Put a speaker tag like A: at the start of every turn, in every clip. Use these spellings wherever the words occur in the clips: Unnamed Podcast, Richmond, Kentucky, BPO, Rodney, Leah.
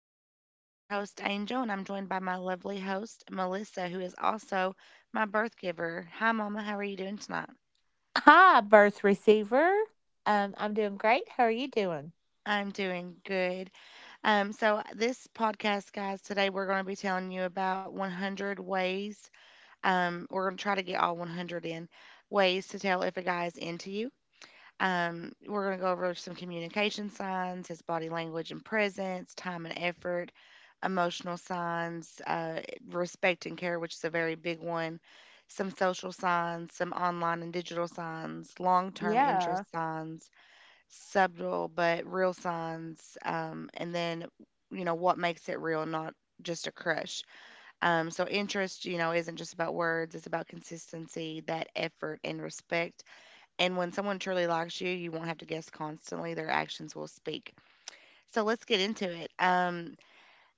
A: Podcast. I'm your host, Angel, and I'm joined by my lovely host, Melissa, who is also my birth giver. Hi, Mama. How are you doing tonight?
B: Hi, birth receiver. I'm doing great. How are you doing?
A: I'm doing good. So this podcast, guys, today we're going to be telling you about 100 ways. We're going to try to get all 100 in ways to tell if a guy is into you. We're going to go over some communication signs, his body language and presence, time and effort, emotional signs, respect and care, which is a very big one, some social signs, some online and digital signs, long term
B: Yeah.
A: interest signs, subtle but real signs, and then, what makes it real, not just a crush. So interest, you know, isn't just about words, it's about consistency, that effort and respect, and when someone truly likes you, you won't have to guess constantly. Their actions will speak. So let's get into it.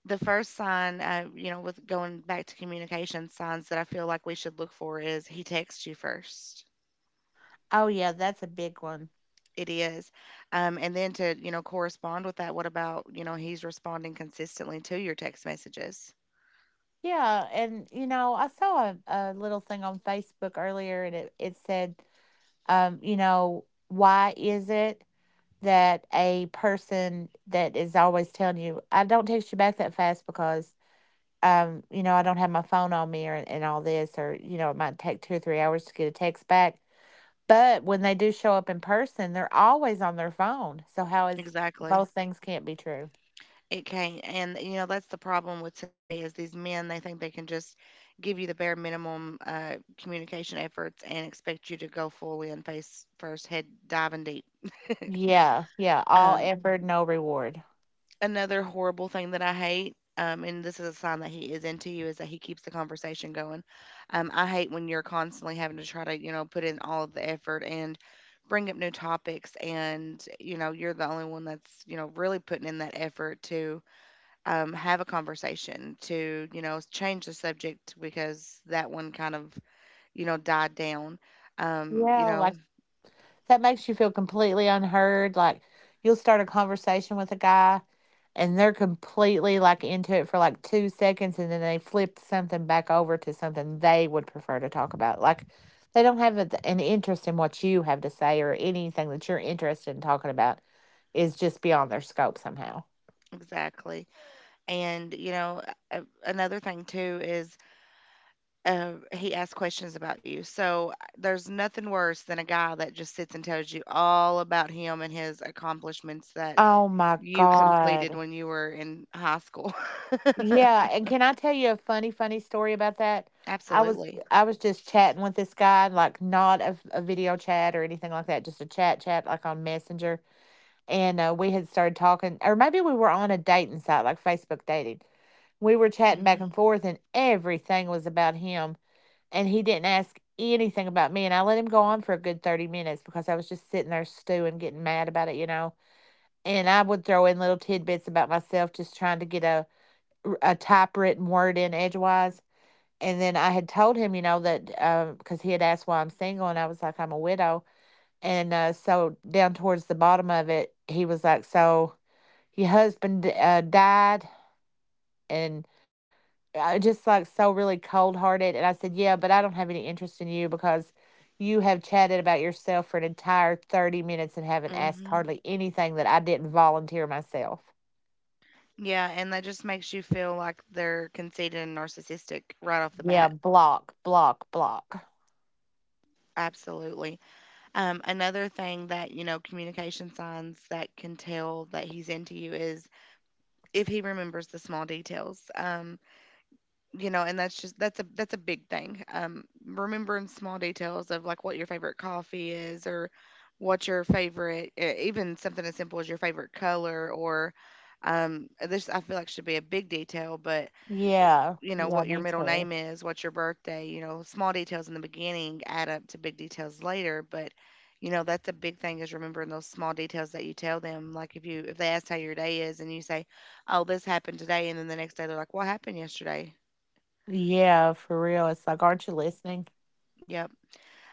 A: The first sign, you know, with going back to communication signs that I feel like we should look for is he texts you first.
B: Oh, yeah, that's a big one.
A: It is. And then to, you know, correspond with that, what about, you know, he's responding consistently to your text messages?
B: Yeah, and you know, I saw a little thing on Facebook earlier, and it said, you know, why is it that a person that is always telling you, "I don't text you back that fast because, you know, I don't have my phone on me," or and all this, or you know, it might take 2 or 3 hours to get a text back. But when they do show up in person, they're always on their phone. So how is
A: Exactly.
B: both things can't be true.
A: It can, and you know that's the problem with today is these men. They think they can just give you the bare minimum communication efforts and expect you to go full in face first, head diving deep.
B: Yeah, yeah, all
A: Um,
B: effort, no reward.
A: Another horrible thing that I hate, and this is a sign that he is into you, is that he keeps the conversation going. I hate when you're constantly having to try to, you know, put in all of the effort and bring up new topics, and you know, you're the only one that's, you know, really putting in that effort to have a conversation, to you know change the subject because that one kind of you know died down, um, you
B: Yeah,
A: know
B: like that makes you feel completely unheard. Like you'll start a conversation with a guy and they're completely like into it for like 2 seconds, and then they flip something back over to something they would prefer to talk about. Like they don't have an interest in what you have to say, or anything that you're interested in talking about is just beyond their scope somehow.
A: exactly. And you know a- another thing too is, he asks questions about you. So there's nothing worse than a guy that just sits and tells you all about him and his accomplishments that
B: Oh my
A: you completed
B: god.
A: when you were in high school.
B: Yeah, and can I tell you a funny, funny story about that? I was
A: Absolutely.
B: I was just chatting with this guy, like not a video chat or anything like that, just a chat chat like on Messenger. And we had started talking, or maybe we were on a dating site like Facebook dating. We were chatting back
A: Hmm.
B: and forth, and everything was about him. And he didn't ask anything about me. And I let him go on for a good 30 minutes because I was just sitting there stewing, getting mad about it, you know. And I would throw in little tidbits about myself, just trying to get a typewritten word in edgewise. And then I had told him, you know, that because he had asked why I'm single, and I was like, I'm a widow. And so down towards the bottom of it, he was like, so your husband died, and I just like so really cold hearted. And I said, yeah, but I don't have any interest in you because you have chatted about yourself for an entire 30 minutes and haven't asked
A: Hmm.
B: hardly anything that I didn't volunteer myself.
A: Yeah, and that just makes you feel like they're conceited and narcissistic right off the
B: Yeah,
A: bat.
B: block, block, block.
A: Absolutely. Another thing that, you know, communication signs that can tell that he's into you is if he remembers the small details. You know, and that's just that's a big thing. Remembering small details of like what your favorite coffee is, or what your favorite even something as simple as your favorite color, or this I feel like should be a big detail, but
B: Yeah,
A: you know,
B: yeah,
A: what your
B: me
A: middle
B: too.
A: name is, what's your birthday. You know, small details in the beginning add up to big details later, but you know, that's a big thing is remembering those small details that you tell them. Like if you if they ask how your day is and you say, "Oh, this happened today," and then the next day they're like, "What happened yesterday?"
B: Yeah, for real. It's like, aren't you listening?
A: Yep.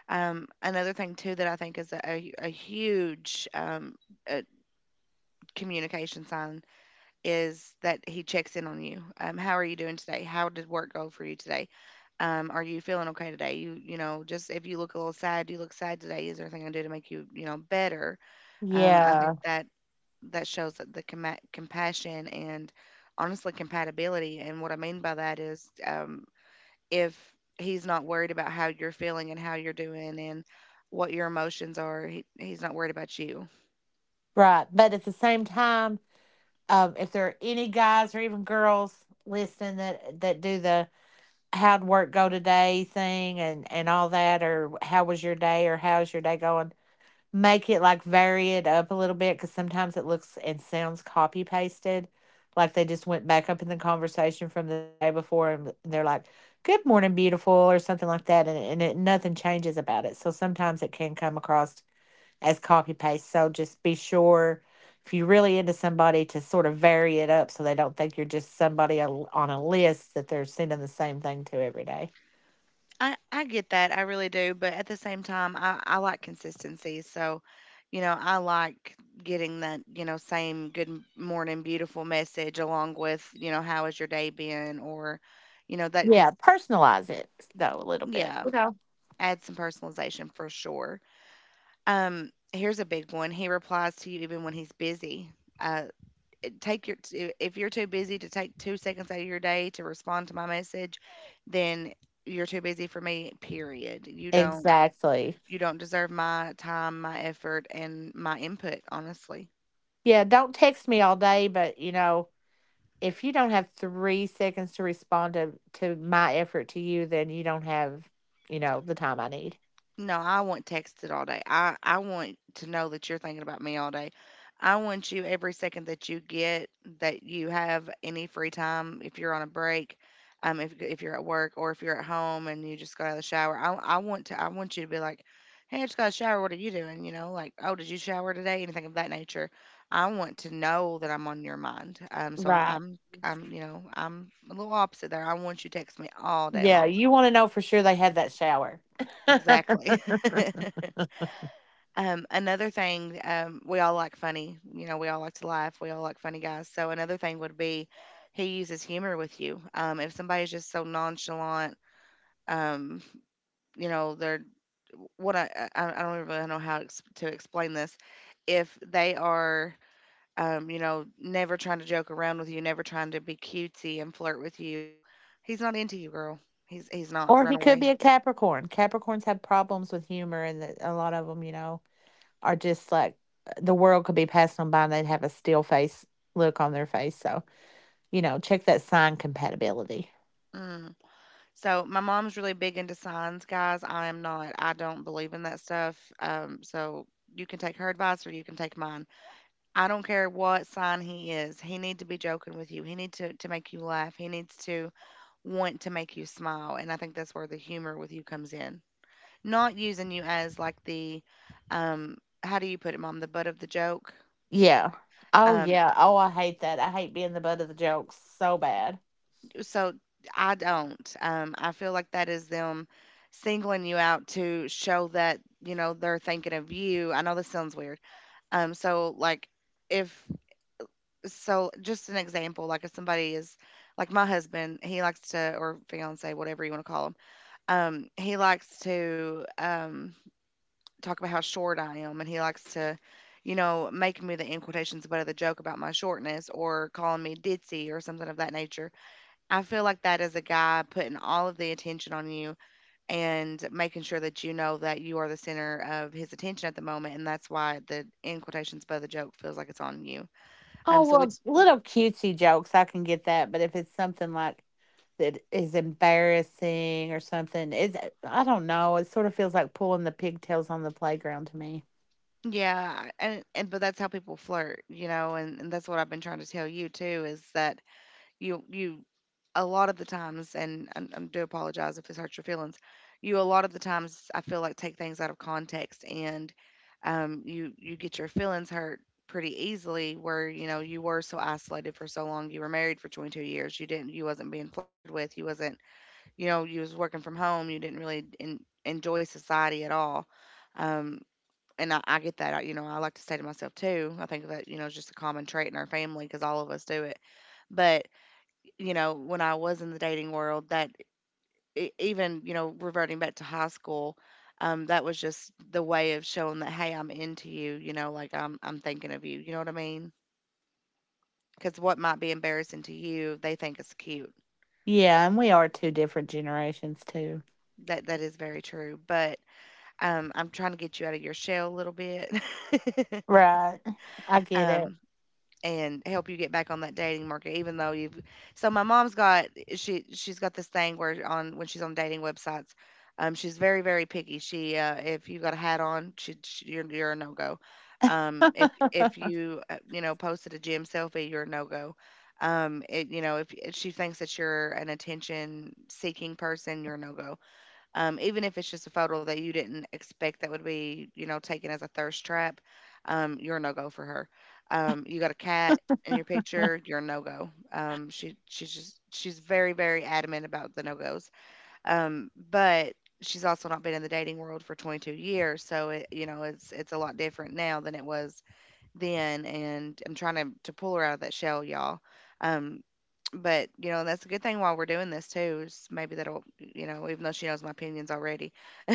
A: Another thing too that I think is a huge uh communication sign is that he checks in on you. How are you doing today? How did work go for you today? Are you feeling okay today? You know, just if you look a little sad, do you look sad today. Is there anything I can do to make you, you know, better? I
B: Yeah,
A: think that that shows that the compassion and honestly compatibility. And what I mean by that is, if he's not worried about how you're feeling and how you're doing and what your emotions are, he's not worried about you.
B: right. But at the same time, if there are any guys or even girls listening that do the how'd work go today thing and all that, or how was your day, or how's your day going, make it like vary it up a little bit because sometimes it looks and sounds copy pasted. Like they just went back up in the conversation from the day before and they're like, good morning, beautiful, or something like that. And it, nothing changes about it. So sometimes it can come across as copy paste. So just be sure if you're really into somebody to sort of vary it up so they don't think you're just somebody on a list that they're sending the same thing to every day.
A: I get that, I really do, but at the same time, I like consistency, so, you know, I like getting that, you know, same good morning, beautiful message along with, you know, how has your day been, or, you know, that
B: Yeah,
A: because
B: personalize it though a little bit.
A: yeah,
B: You know.
A: add some personalization for sure. Here's a big one. He replies to you even when he's busy. Uh, Take your if you're too busy to take 2 seconds out of your day to respond to my message, then you're too busy for me. Period. You don't.
B: Exactly.
A: You don't deserve my time, my effort, and my input, honestly.
B: Yeah, don't text me all day, but you know, if you don't have 3 seconds to respond to my effort to you, then you don't have, you know, the time I need.
A: No, I want texted all day. I want to know that you're thinking about me all day. I want you every second that you get, that you have any free time, if you're on a break, if you're at work or if you're at home and you just got out of the shower. I want to I want you to be like, hey, I just got a shower. What are you doing? You know, like, oh, did you shower today? Anything of that nature. I want to know that I'm on your mind. So I,
B: Right.
A: I'm I'm you know I'm a little opposite there. I want you to text me all day
B: Yeah,
A: long.
B: you want to know for sure they had that shower.
A: Exactly. Another thing, we all like funny. You know, we all like to laugh. We all like funny guys. So another thing would be he uses humor with you. If somebody's just so nonchalant, um, you know, they're what I I don't really know how to explain this. If they are, you know, never trying to joke around with you, never trying to be cutesy and flirt with you, he's not into you, girl. He's not.
B: Or he
A: Run
B: could be
A: away.
B: a Capricorn. Capricorns have problems with humor, and that a lot of them, you know, are just like the world could be passing them by and they'd have a still face look on their face. So, you know, check that sign compatibility.
A: Mm. So my mom's really big into signs, guys. I am not. I don't believe in that stuff. So you can take her advice or you can take mine. I don't care what sign he is. He need to be joking with you. He need to make you laugh. He needs to want to make you smile. And I think that's where the humor with you comes in. Not using you as like the um how do you put it, mom, the butt of the joke.
B: Yeah. Oh,
A: Um,
B: yeah. Oh, I hate that. I hate being the butt of the jokes so bad.
A: So I don't. I feel like that is them singling you out to show that, you know, they're thinking of you. I know this sounds weird. Um, so like if so just an example, like if somebody is like my husband, he likes to, or fiance, whatever you want to call him, he likes to talk about how short I am, and he likes to you know, making me the in quotations, but of the joke about my shortness, or calling me ditzy or something of that nature. I feel like that is a guy putting all of the attention on you and making sure that you know that you are the center of his attention at the moment, and that's why the in quotations by the joke feels like it's on you. Um,
B: Oh,
A: so
B: well,
A: it,
B: it's little cutesy jokes, I can get that. But if it's something like that is embarrassing or something, it's, I don't know. It sort of feels like pulling the pigtails on the playground to me.
A: yeah, and but that's how people flirt, you know, and that's what I've been trying to tell you too is that you a lot of the times, and I do apologize if this hurts your feelings. You a lot of the times I feel like take things out of context, and you get your feelings hurt pretty easily. Where you know you were so isolated for so long, you were married for 22 years. You wasn't being flirted with. You wasn't you know you was working from home. You didn't really en enjoy society at all. Um, and I get that. I, you know I like to say to myself too. I think that you know is just a common trait in our family because all of us do it. But you know, when I was in the dating world, that even, you know, reverting back to high school, that was just the way of showing that, hey, I'm into you, you know, like I'm thinking of you. You know what I mean? Because what might be embarrassing to you, they think it's cute.
B: Yeah. And we are two different generations, too.
A: That that is very true. But I'm trying to get you out of your shell a little bit.
B: Right. I get
A: um, and help you get back on that dating market even though you've... So my mom's got... she's got this thing where on when she's on dating websites. Um, she's very very picky. She, if you got a hat on, she you're a no-go. um if
B: it.
A: if you you know posted a gym selfie, you're a no-go. Um, it, you know if she thinks that you're an attention seeking person, you're a no-go. Even if it's just a photo that you didn't expect that would be, taken as a thirst trap, you're a no go for her. You got a cat in your picture, you're a no go. She's just, she's very very adamant about the no goes. But she's also not been in the dating world for 22 years, so it you know it's a lot different now than it was then. And I'm trying to pull her out of that shell, y'all. Um, but, you know, that's a good thing while we're doing this too, is maybe that'll, you know, even though she knows my opinions already.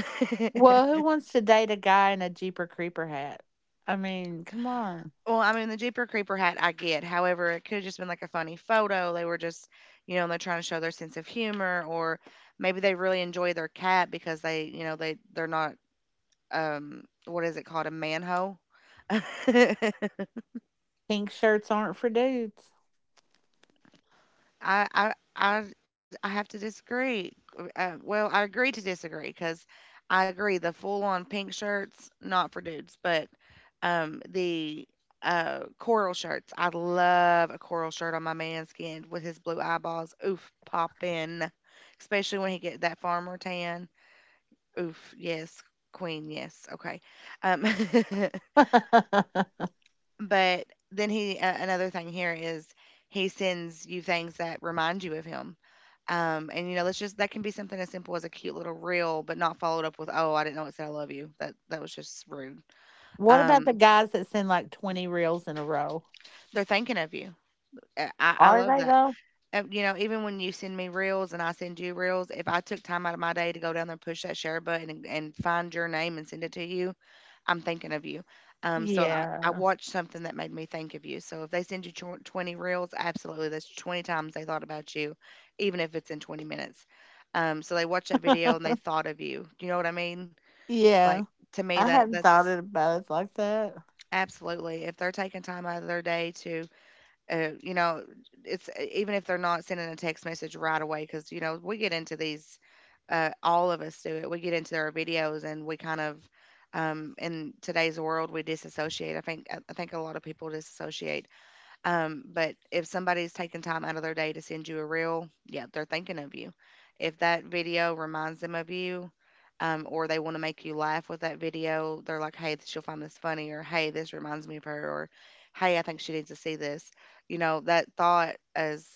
B: Well, who wants to date a guy in a Jeeper Creeper hat? I mean, come on.
A: Well, I mean, the Jeeper Creeper hat I get. However, it could have just been like a funny photo. They were just, you know, they're trying to show their sense of humor, or maybe they really enjoy their cat because they, you know, they're not... um, what is it called, a manhole.
B: Pink shirts aren't for dudes.
A: I have to disagree. Well, I agree to disagree because I agree the full-on pink shirts not for dudes, but the coral shirts. I love a coral shirt on my man skinned with his blue eyeballs. Oof, poppin, especially when he get that farmer tan. Oof, yes, queen, yes. Okay, um, But then he another thing here is he sends you things that remind you of him. And you know, let's just that can be something as simple as a cute little reel, but not followed up with, "Oh, I didn't know it said I love you." That was just rude.
B: What about the
A: Um,
B: guys that send, like, 20 reels in a row?
A: they're thinking of you. I
B: Are
A: love
B: they,
A: that.
B: though?
A: You know, even when you send me reels and I send you reels, if I took time out of my day to go down there and push that share button and, find your name and send it to you, I'm thinking of you. So I
B: Yeah.
A: watched something that made me think of you. So if they send you 20 reels, absolutely, that's 20 times they thought about you, even if it's in 20 minutes. So they watched that video and they thought of you. You know what I mean? Like
B: Yeah.
A: to me,
B: I
A: that
B: hadn't thought
A: that's
B: it about it like that.
A: absolutely if they're taking time out of their day to you know, it's even if they're not sending a text message right away, because, you know, we get into these, all of us do it. We get into our videos and we kind of, in today's world, we disassociate. I think a lot of people disassociate. But if somebody's taking time out of their day to send you a reel, yeah, they're thinking of you. If that video reminds them of you, or they want to make you laugh with that video, they're like, hey, she'll find this funny, or hey, this reminds me of her, or hey, I think she needs to see this. You know, that thought is,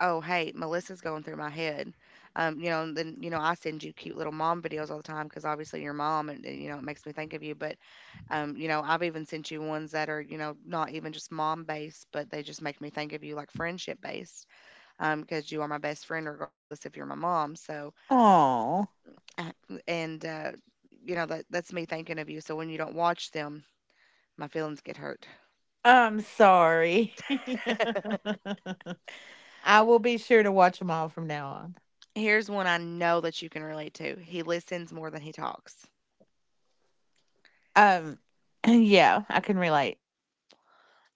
A: oh, hey, Melissa's going through my head. You know, and then, you know, I send you cute little mom videos all the time because obviously your mom and, you know, it makes me think of you. But you know, I've even sent you ones that are, you know, not even just mom based, but they just make me think of you, like friendship based, because you are my best friend regardless if you're my mom. So,
B: Oh,
A: uh, and you know, that's me thinking of you. So when you don't watch them, my feelings get hurt.
B: I'm sorry. I will be sure to watch them all from now on.
A: Here's one I know that you can relate to. He listens more than he talks,
B: Um, yeah, I can relate.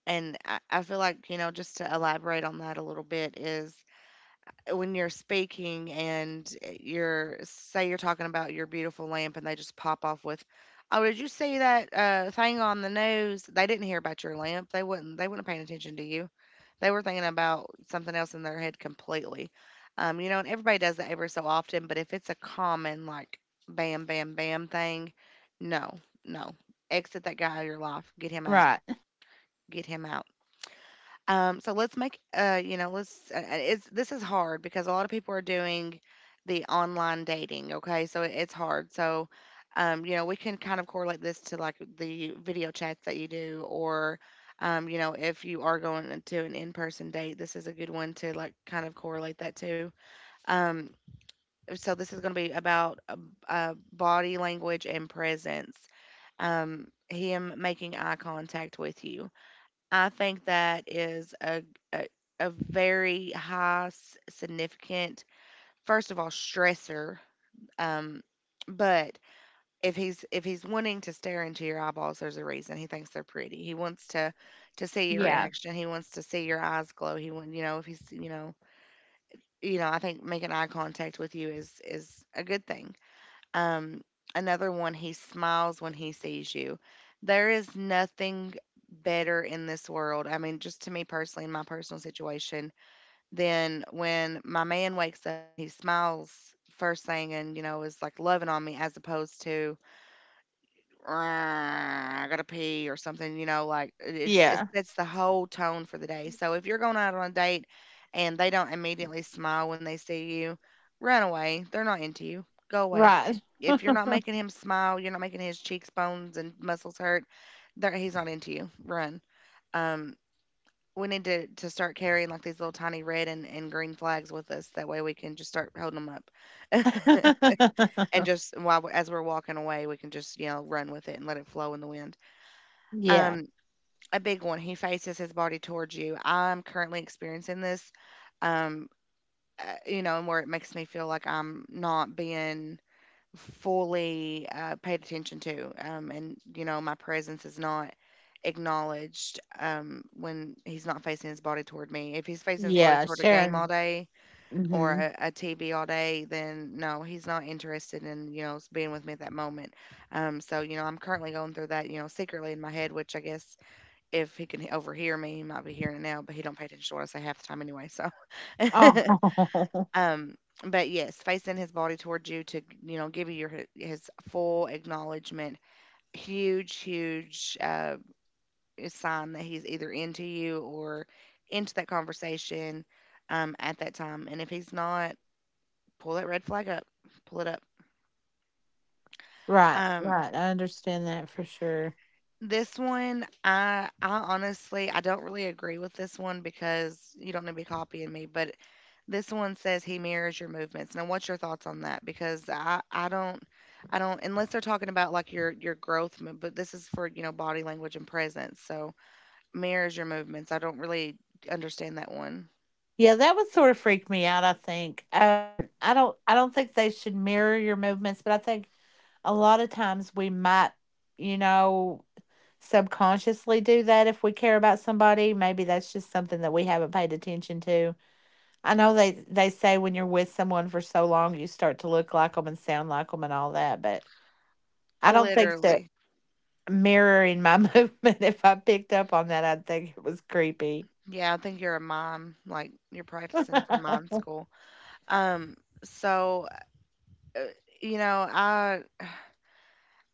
A: and I feel like, you know, just to elaborate on that a little bit, is when you're speaking and you're talking about your beautiful lamp and they just pop off with, oh, did you see that thing on the news. They didn't hear about your lamp. They weren't paying attention to you. They were thinking about something else in their head completely. You know, and everybody does that every so often, but if it's a common like bam bam bam thing, no, no, exit that guy out of your life. Get him out,
B: Right.
A: get him out. So let's make, you know, this is hard because a lot of people are doing the online dating. Okay. So it's hard. So, you know, we can kind of correlate this to like the video chats that you do, or, you know, if you are going into an in-person date, this is a good one to like kind of correlate that to. Um, so this is going to be about body language and presence. Him making eye contact with you, I think that is a a very high significant, first of all, stressor. Um, but if he's wanting to stare into your eyeballs, there's a reason. He thinks they're pretty. He wants to see your
B: Yeah.
A: reaction. He wants to see your eyes glow. He want you know if he's you know I think making eye contact with you is a good thing. Um, Another one, he smiles when he sees you. There is nothing better in this world. I mean, just to me personally, in my personal situation, than when my man wakes up and he smiles first thing and, you know, is like loving on me as opposed to, "Ah, I gotta pee" or something. You know, like it just, it
B: Yeah.
A: sets the whole tone for the day. So if you're going out on a date and they don't immediately smile when they see you, run away. They're not into you. Go away.
B: Right.
A: If you're not making him smile, you're not making his cheekbones and muscles hurt, there he's not into you. Run. Um we need to start carrying like these little tiny red and, green flags with us. That way we can just start holding them up. And just as we're walking away, we can just, you know, run with it and let it flow in the wind.
B: Yeah.
A: Um, a big one. He faces his body towards you. I'm currently experiencing this, um, you know, and where it makes me feel like I'm not being fully paid attention to, and you know, my presence is not acknowledged when he's not facing his body toward me. If he's facing his body
B: Yeah,
A: toward a game all
B: Sharon,
A: day
B: mhm.
A: or a TV all day, then no, he's not interested in, you know, being with me at that moment. So you know, I'm currently going through that, you know, secretly in my head, which I guess if he can overhear me, he might be hearing it now, but he don't pay attention to what I say half the time anyway. So,
B: Oh.
A: um, but yes, facing his body towards you to, you know, give you your his full acknowledgement, huge, huge sign that he's either into you or into that conversation at that time. And if he's not, pull that red flag up, pull it up.
B: Right,
A: Um,
B: right, I understand that for sure.
A: this one, I honestly, I don't really agree with this one because you don't need to be copying me, but this one says he mirrors your movements. Now, what's your thoughts on that? Because I don't, I don't, unless they're talking about like your growth, but this is for, you know, body language and presence. So mirrors your movements. I don't really understand that one.
B: Yeah, that would sort of freak me out, I think. I don't think they should mirror your movements, but I think a lot of times we might, you know, subconsciously do that if we care about somebody, maybe that's just something that we haven't paid attention to. I know they say when you're with someone for so long, you start to look like them and sound like them and all that, but I don't think that
A: Literally,
B: mirroring my movement, if I picked up on that, I'd think it was creepy.
A: yeah. I think you're a mime, like you're practicing for mime school. Um, so uh, you know,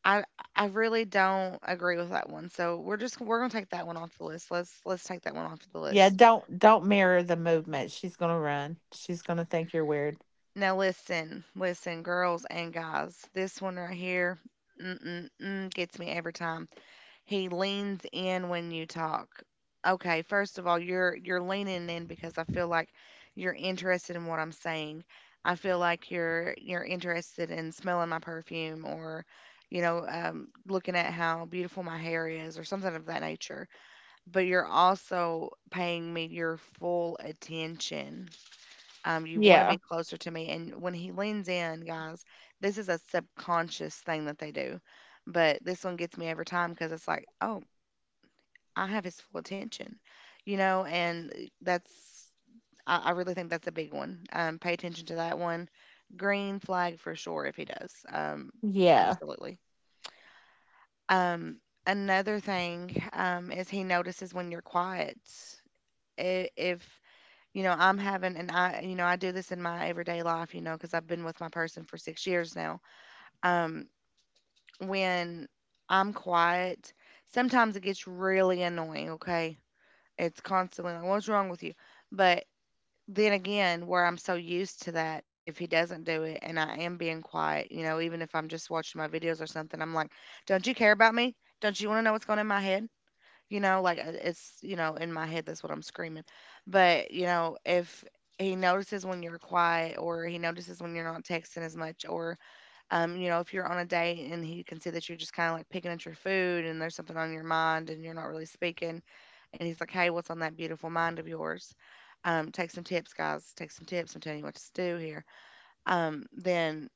A: I, I really don't agree with that one. So we're just, we're gonna take that one off the list. Let's take that one off the
B: Yeah,
A: list.
B: don't mirror the movement. She's gonna run. She's gonna think you're weird.
A: Now listen, listen, girls and guys. This one right here, gets me every time. He leans in when you talk. Okay, first of all, you're leaning in because I feel like you're interested in what I'm saying. I feel like you're interested in smelling my perfume or, you know, looking at how beautiful my hair is or something of that nature. But you're also paying me your full attention. You want to
B: Yeah.
A: be closer to me. And when he leans in, guys, this is a subconscious thing that they do. But this one gets me every time because it's like, oh, I have his full attention, you know, and I really think that's a big one. Pay attention to that one. Green flag for sure if he does.
B: Yeah.
A: Absolutely. Um, Another thing, is he notices when you're quiet. If I'm having and I do this in my everyday life, you know, because 'cause I've been with my person for 6 years now. Um, when I'm quiet, sometimes it gets really annoying, okay? It's constantly like, "What's wrong with you?" But then again, where I'm so used to that, if he doesn't do it and I am being quiet, you know, even if I'm just watching my videos or something, I'm like, "Don't you care about me? Don't you want to know what's going in my head? It's, you know, in my head, that's what I'm screaming. But, you know, if he notices when you're quiet or he notices when you're not texting as much or, you know, if you're on a date and he can see that you're just kind of like picking at your food and there's something on your mind and you're not really speaking and he's like, hey, what's on that beautiful mind of yours? Take some tips, guys. Take some tips. I'm telling you what to do here. Then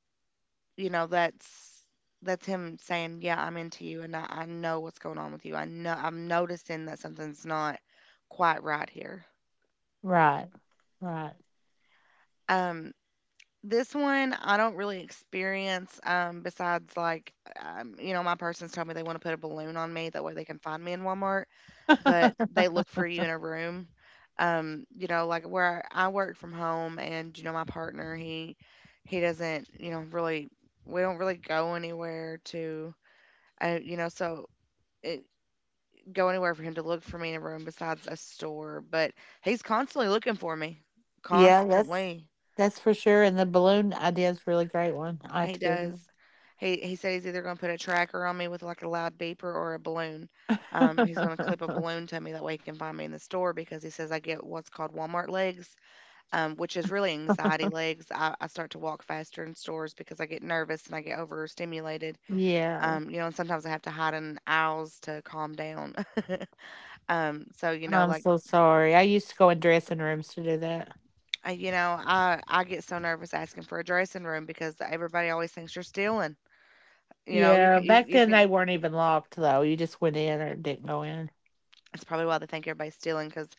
A: you know that's him saying yeah, I'm into you, and I know what's going on with you. I know I'm noticing that something's not quite right here.
B: Right. Right.
A: um this one I don't really experience, besides like, you know, my person's told me they want to put a balloon on me that way they can find me in Walmart, but they look for you in a room. You know, like where I work from home and you know my partner, he doesn't you know really, we don't really go anywhere to you know, so it, go anywhere for him to look for me in a room besides a store, but he's constantly looking for me.
B: Yeah, that's
A: Constantly.
B: that's for sure. And the balloon idea is a really great one. I have
A: He
B: to give
A: does.
B: them.
A: He said he's either going to put a tracker on me with like a loud beeper or a balloon. He's going to clip a balloon to me that way he can find me in the store because he says I get what's called Walmart legs, which is really anxiety legs. I start to walk faster in stores because I get nervous and I get overstimulated.
B: Yeah.
A: You know, and sometimes I have to hide in aisles to calm down. So you know,
B: I'm
A: like
B: so sorry. I used to go in dressing rooms to do that.
A: you know, I get so nervous asking for a dressing room because everybody always thinks you're stealing. You know, you
B: Yeah.
A: can
B: Back
A: you
B: then
A: can.
B: they weren't even locked though. You just went in or didn't go in.
A: That's probably why they think everybody's stealing because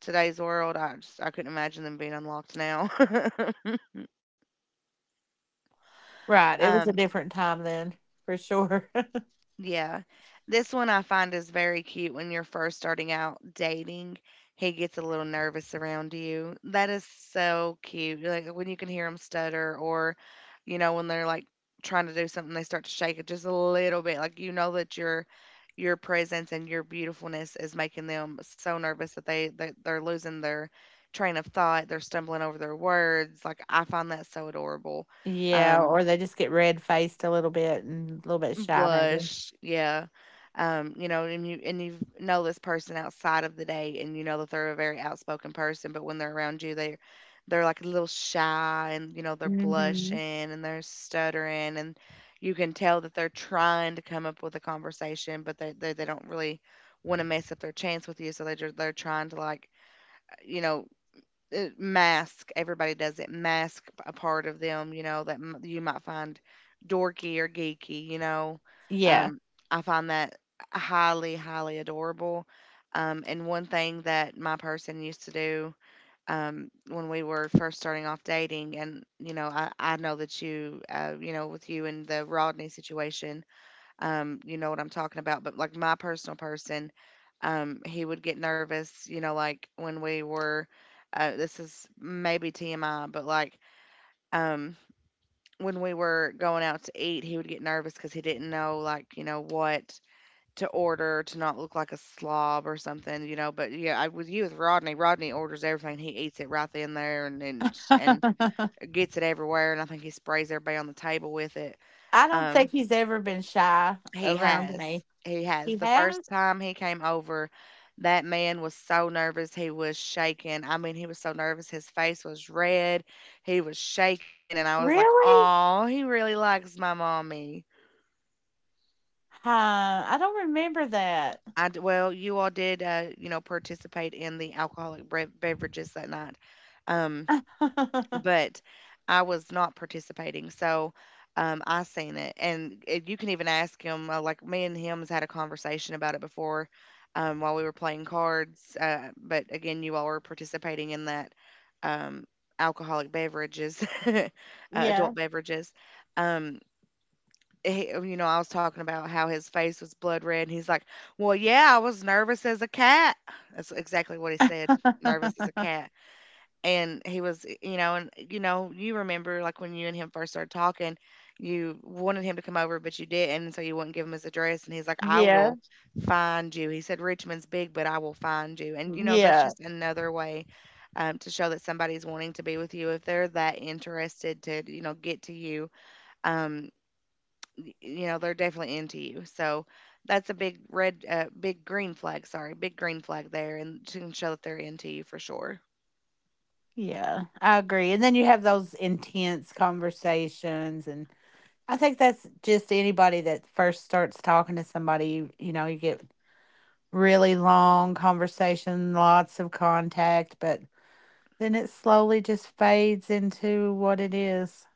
A: today's world, I just I couldn't imagine them being unlocked now.
B: Right. It
A: um,
B: was a different time then, for sure.
A: Yeah. This one I find is very cute when you're first starting out dating. He gets a little nervous around you. That is so cute. Like when you can hear him stutter or, you know, when they're like trying to do something, they start to shake it just a little bit. Like you know that your presence and your beautifulness is making them so nervous that they're losing their train of thought. They're stumbling over their words. Like I find that so adorable.
B: Yeah,
A: Um
B: or they just get red faced a little bit and a little bit shy maybe.
A: Blush, yeah. You know, and you, and you know this person outside of the date, and you know that they're a very outspoken person, but when they're around you, they're like a little shy, and you know they're blushing
B: Mhm.
A: and they're stuttering, and you can tell that they're trying to come up with a conversation, but they don't really want to mess up their chance with you, so they're trying to like you know mask. Everybody does it, mask a part of them, you know, that you might find dorky or geeky, you know.
B: Yeah.
A: um, I find that highly adorable. And one thing that my person used to do, when we were first starting off dating, and you know I know that you you know with you and the Rodney situation, you know what I'm talking about, but like my personal person, he would get nervous, you know, like when we were this is maybe TMI, but like um, when we were going out to eat, he would get nervous because he didn't know like, you know, what to order to not look like a slob or something, you know. But yeah, I with you with Rodney, Rodney orders everything. He eats it right then there and gets it everywhere, and I think he sprays everybody on the table with it.
B: I don't
A: Um
B: think he's ever been shy
A: He
B: around
A: has.
B: me.
A: He has.
B: He
A: The
B: has?
A: first time he came over, that man was so nervous. He was shaking. I mean, he was so nervous. His face was red. He was shaking. And I was like,
B: Really?
A: oh, he really likes my mommy.
B: Huh, I don't remember that.
A: Well, you all did, you know, participate in the alcoholic beverages that night. Um, but I was not participating. So I seen it, and it, you can even ask him. Like me and him has had a conversation about it before, while we were playing cards. But again, you all were participating in that um, alcoholic beverages,
B: Yeah.
A: adult beverages. Um, he, you know, I was talking about how his face was blood red, and he's like, "Well, yeah, I was nervous as a cat." That's exactly what he said. Nervous as a cat. And he was, you know, and you know you remember like when you and him first started talking, you wanted him to come over but you didn't, and so you wouldn't give him his address, and he's like, I
B: Yeah.
A: will find you. He said Richmond's big, but I will find you. And you know that's
B: Yeah.
A: just another way, to show that somebody's wanting to be with you, if they're that interested to you know get to you. um you know they're definitely into you, so that's a big red big green flag, sorry, big green flag there, and to show that they're into you for sure.
B: Yeah. I agree. And then you have those intense conversations, and I think that's just anybody that first starts talking to somebody, you know, you get really long conversation, lots of contact, but then it slowly just fades into what it is.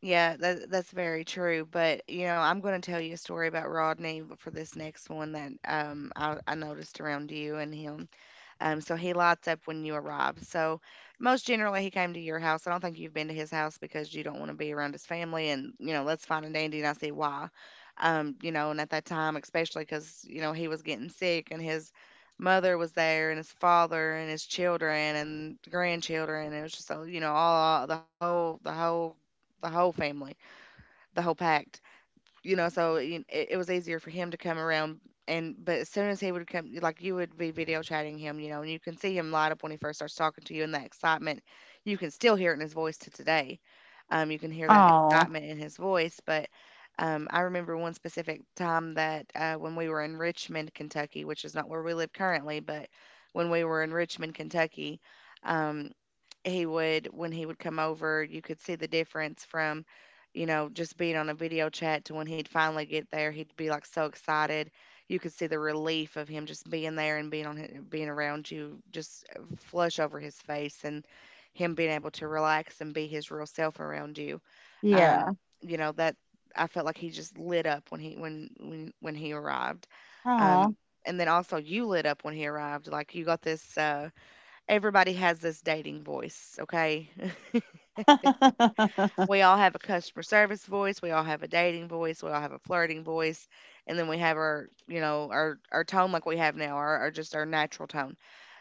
A: Yeah, that's very true, but, you know, I'm gonna tell you a story about Rodney for this next one that, I noticed around you and him. So he lights up when you arrive. So most generally, he came to your house. I don't think you've been to his house because you don't want to be around his family. And you know that's fine and dandy, and I see why. You know, and at that time, especially because you know he was getting sick, and his mother was there, and his father and his children and grandchildren. And it was just so you know all the whole family, the whole pack, you know, so it was easier for him to come around. And but as soon as he would come, like you would be video chatting him, you know, and you can see him light up when he first starts talking to you, and that excitement, you can still hear it in his voice to today. You can hear that
B: Oh,
A: excitement in his voice. But I remember one specific time that when we were in Richmond, Kentucky, which is not where we live currently, but when we were in Richmond, Kentucky. um, he would when he would come over, you could see the difference from, you know, just being on a video chat to when he'd finally get there. He'd be like so excited. You could see the relief of him just being there and being on being around you, just flush over his face and him being able to relax and be his real self around you.
B: yeah.
A: Um, you know that I felt like he just lit up when he arrived. Um,
B: Oh.
A: and then also you lit up when he arrived. Like you got this. Everybody has this dating voice, okay? We all have a customer service voice, we all have a dating voice, we all have a flirting voice, and then we have our, you know, our tone like we have now, our just our natural tone.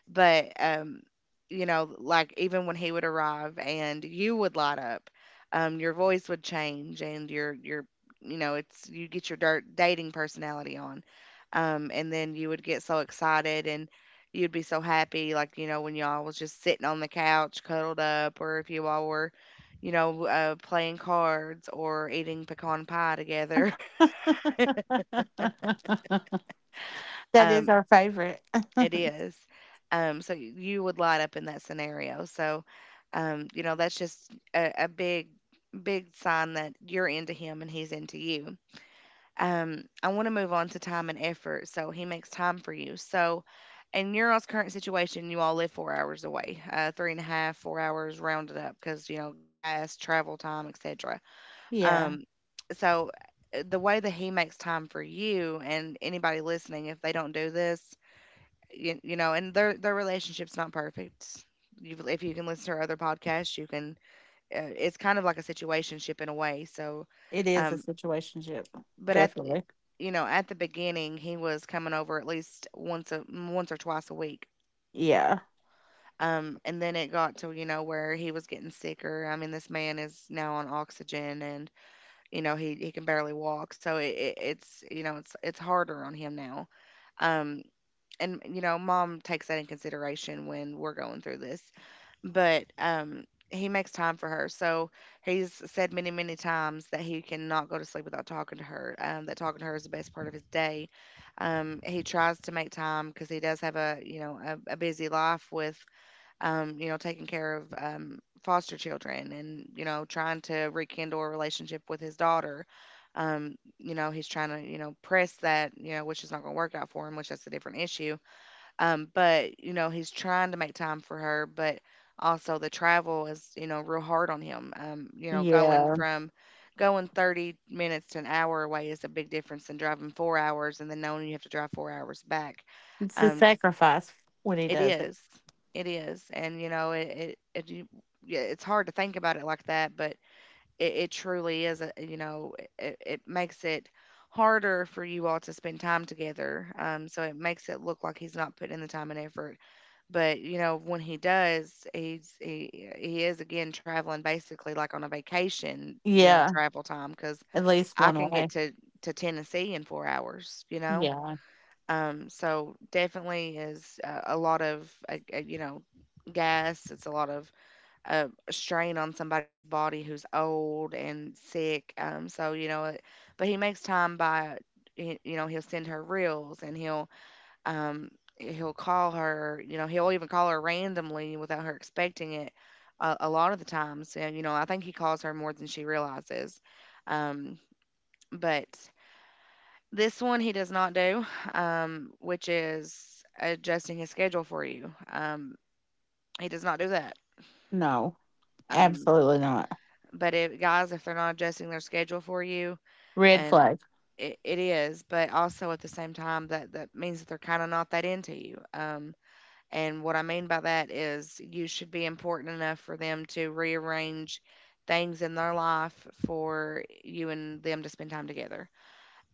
A: But um, you know, like even when he would arrive and you would light up, your voice would change, and your you know it's you get your dirt dating personality on. And then you would get so excited and you'd be so happy, like you know when y'all was just sitting on the couch cuddled up, or if you all were you know playing cards or eating pecan pie together.
B: That is our favorite.
A: It is. So you would light up in that scenario. So, you know, that's just a big, big sign that you're into him and he's into you. I want to move on to time and effort. So he makes time for you. So in your all's current situation, you all live 4 hours away, three and a half, 4 hours rounded up because, you know, gas, travel time, etc.
B: Yeah,
A: Um, so the way that he makes time for you and anybody listening, if they don't do this, you know, and their relationship's not perfect. You, if you can listen to her other podcasts, you can. It's kind of like a situationship in a way.
B: it is a
A: Um,
B: situationship.
A: but at the-
B: Definitely.
A: you know at the beginning, he was coming over at least once or twice a week.
B: Yeah.
A: And then it got to, you know, where he was getting sicker. I mean, this man is now on oxygen, and you know he can barely walk. So it's, you know, it's harder on him now. Um, and you know mom takes that in consideration when we're going through this, but he makes time for her. So he's said many, many times that he cannot go to sleep without talking to her. That talking to her is the best part of his day. He tries to make time because he does have a, you know, a busy life with you know taking care of, foster children and you know trying to rekindle a relationship with his daughter. You know he's trying to you know press that, you know, which is not going to work out for him, which that's a different issue. Um, but you know, he's trying to make time for her, but also the travel is, you know, real hard on him. You know,
B: Yeah.
A: going 30 minutes to an hour away is a big difference than driving 4 hours and then knowing you have to drive 4 hours back.
B: It's a
A: Um,
B: sacrifice when he
A: it
B: does it.
A: is, it is, and you know, yeah, it's hard to think about it like that, but it truly is. You know, it makes it harder for you all to spend time together. So it makes it look like he's not putting in the time and effort, but you know when he does he is again traveling basically like on a vacation, you know,
B: Yeah.
A: travel time because
B: At least
A: I
B: one
A: can get
B: way.
A: to Tennessee in 4 hours, you know.
B: Yeah.
A: So definitely is a lot of you know gas, it's a lot of strain on somebody's body who's old and sick. So you know but he makes time by you know he'll send her reels and um he'll call her, you know he'll even call her randomly without her expecting it a lot of the times, and you know I think he calls her more than she realizes. Um but This one he does not do, which is adjusting his schedule for you. He does not do that.
B: No,
A: um
B: absolutely not.
A: but if guys, if they're not adjusting their schedule for you,
B: Red
A: and
B: flag.
A: it is, but also at the same time that that means that they're kind of not that into you. And what I mean by that is you should be important enough for them to rearrange things in their life for you and them to spend time together.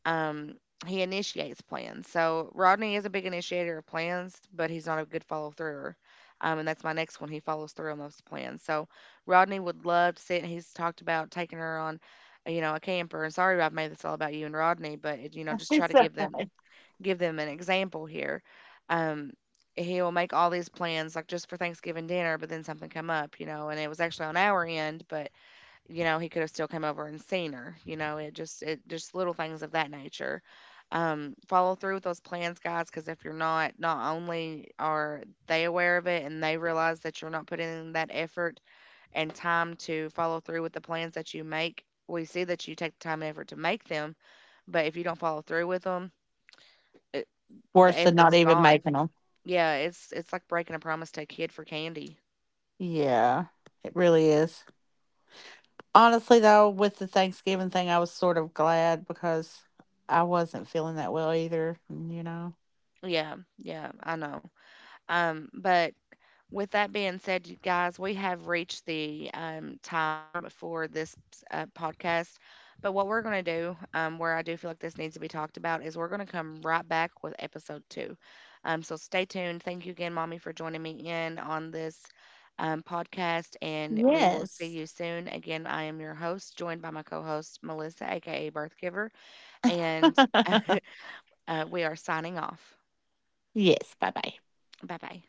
A: Um, he initiates plans. So Rodney is a big initiator of plans, but he's not a good follow through. And that's my next one. He follows through on those plans. So Rodney would love to sit. He's talked about taking her on, you know, a camper. And sorry, I've made this all about you and Rodney, but you know, just try
B: It's
A: to give them an example here. Um, he will make all these plans like just for Thanksgiving dinner, but then something come up, you know, and it was actually on our end, but you know, he could have still come over and seen her, you know, it just little things of that nature. Follow through with those plans, guys, because if you're not, not only are they aware of it and they realize that you're not putting in that effort and time to follow through with the plans that you make, we see that you take the time and effort to make them, but if you don't follow through with them, the
B: worse than not
A: effort's
B: even
A: gone.
B: making them.
A: Yeah, it's like breaking a promise to a kid for candy.
B: Yeah, it really is. Honestly, though, with the Thanksgiving thing, I was sort of glad because I wasn't feeling that well either, you know?
A: Yeah, yeah, I know. But with that being said, you guys, we have reached the time for this podcast. But what we're going to do, where I do feel like this needs to be talked about, is we're going to come right back with episode 2. So stay tuned. Thank you again, Mommy, for joining me in on this podcast. And we will see
B: Yes.
A: you soon. Again, I am your host, joined by my co host, Melissa, aka Birth Giver. And we are signing off.
B: Yes. Bye bye.
A: Bye bye.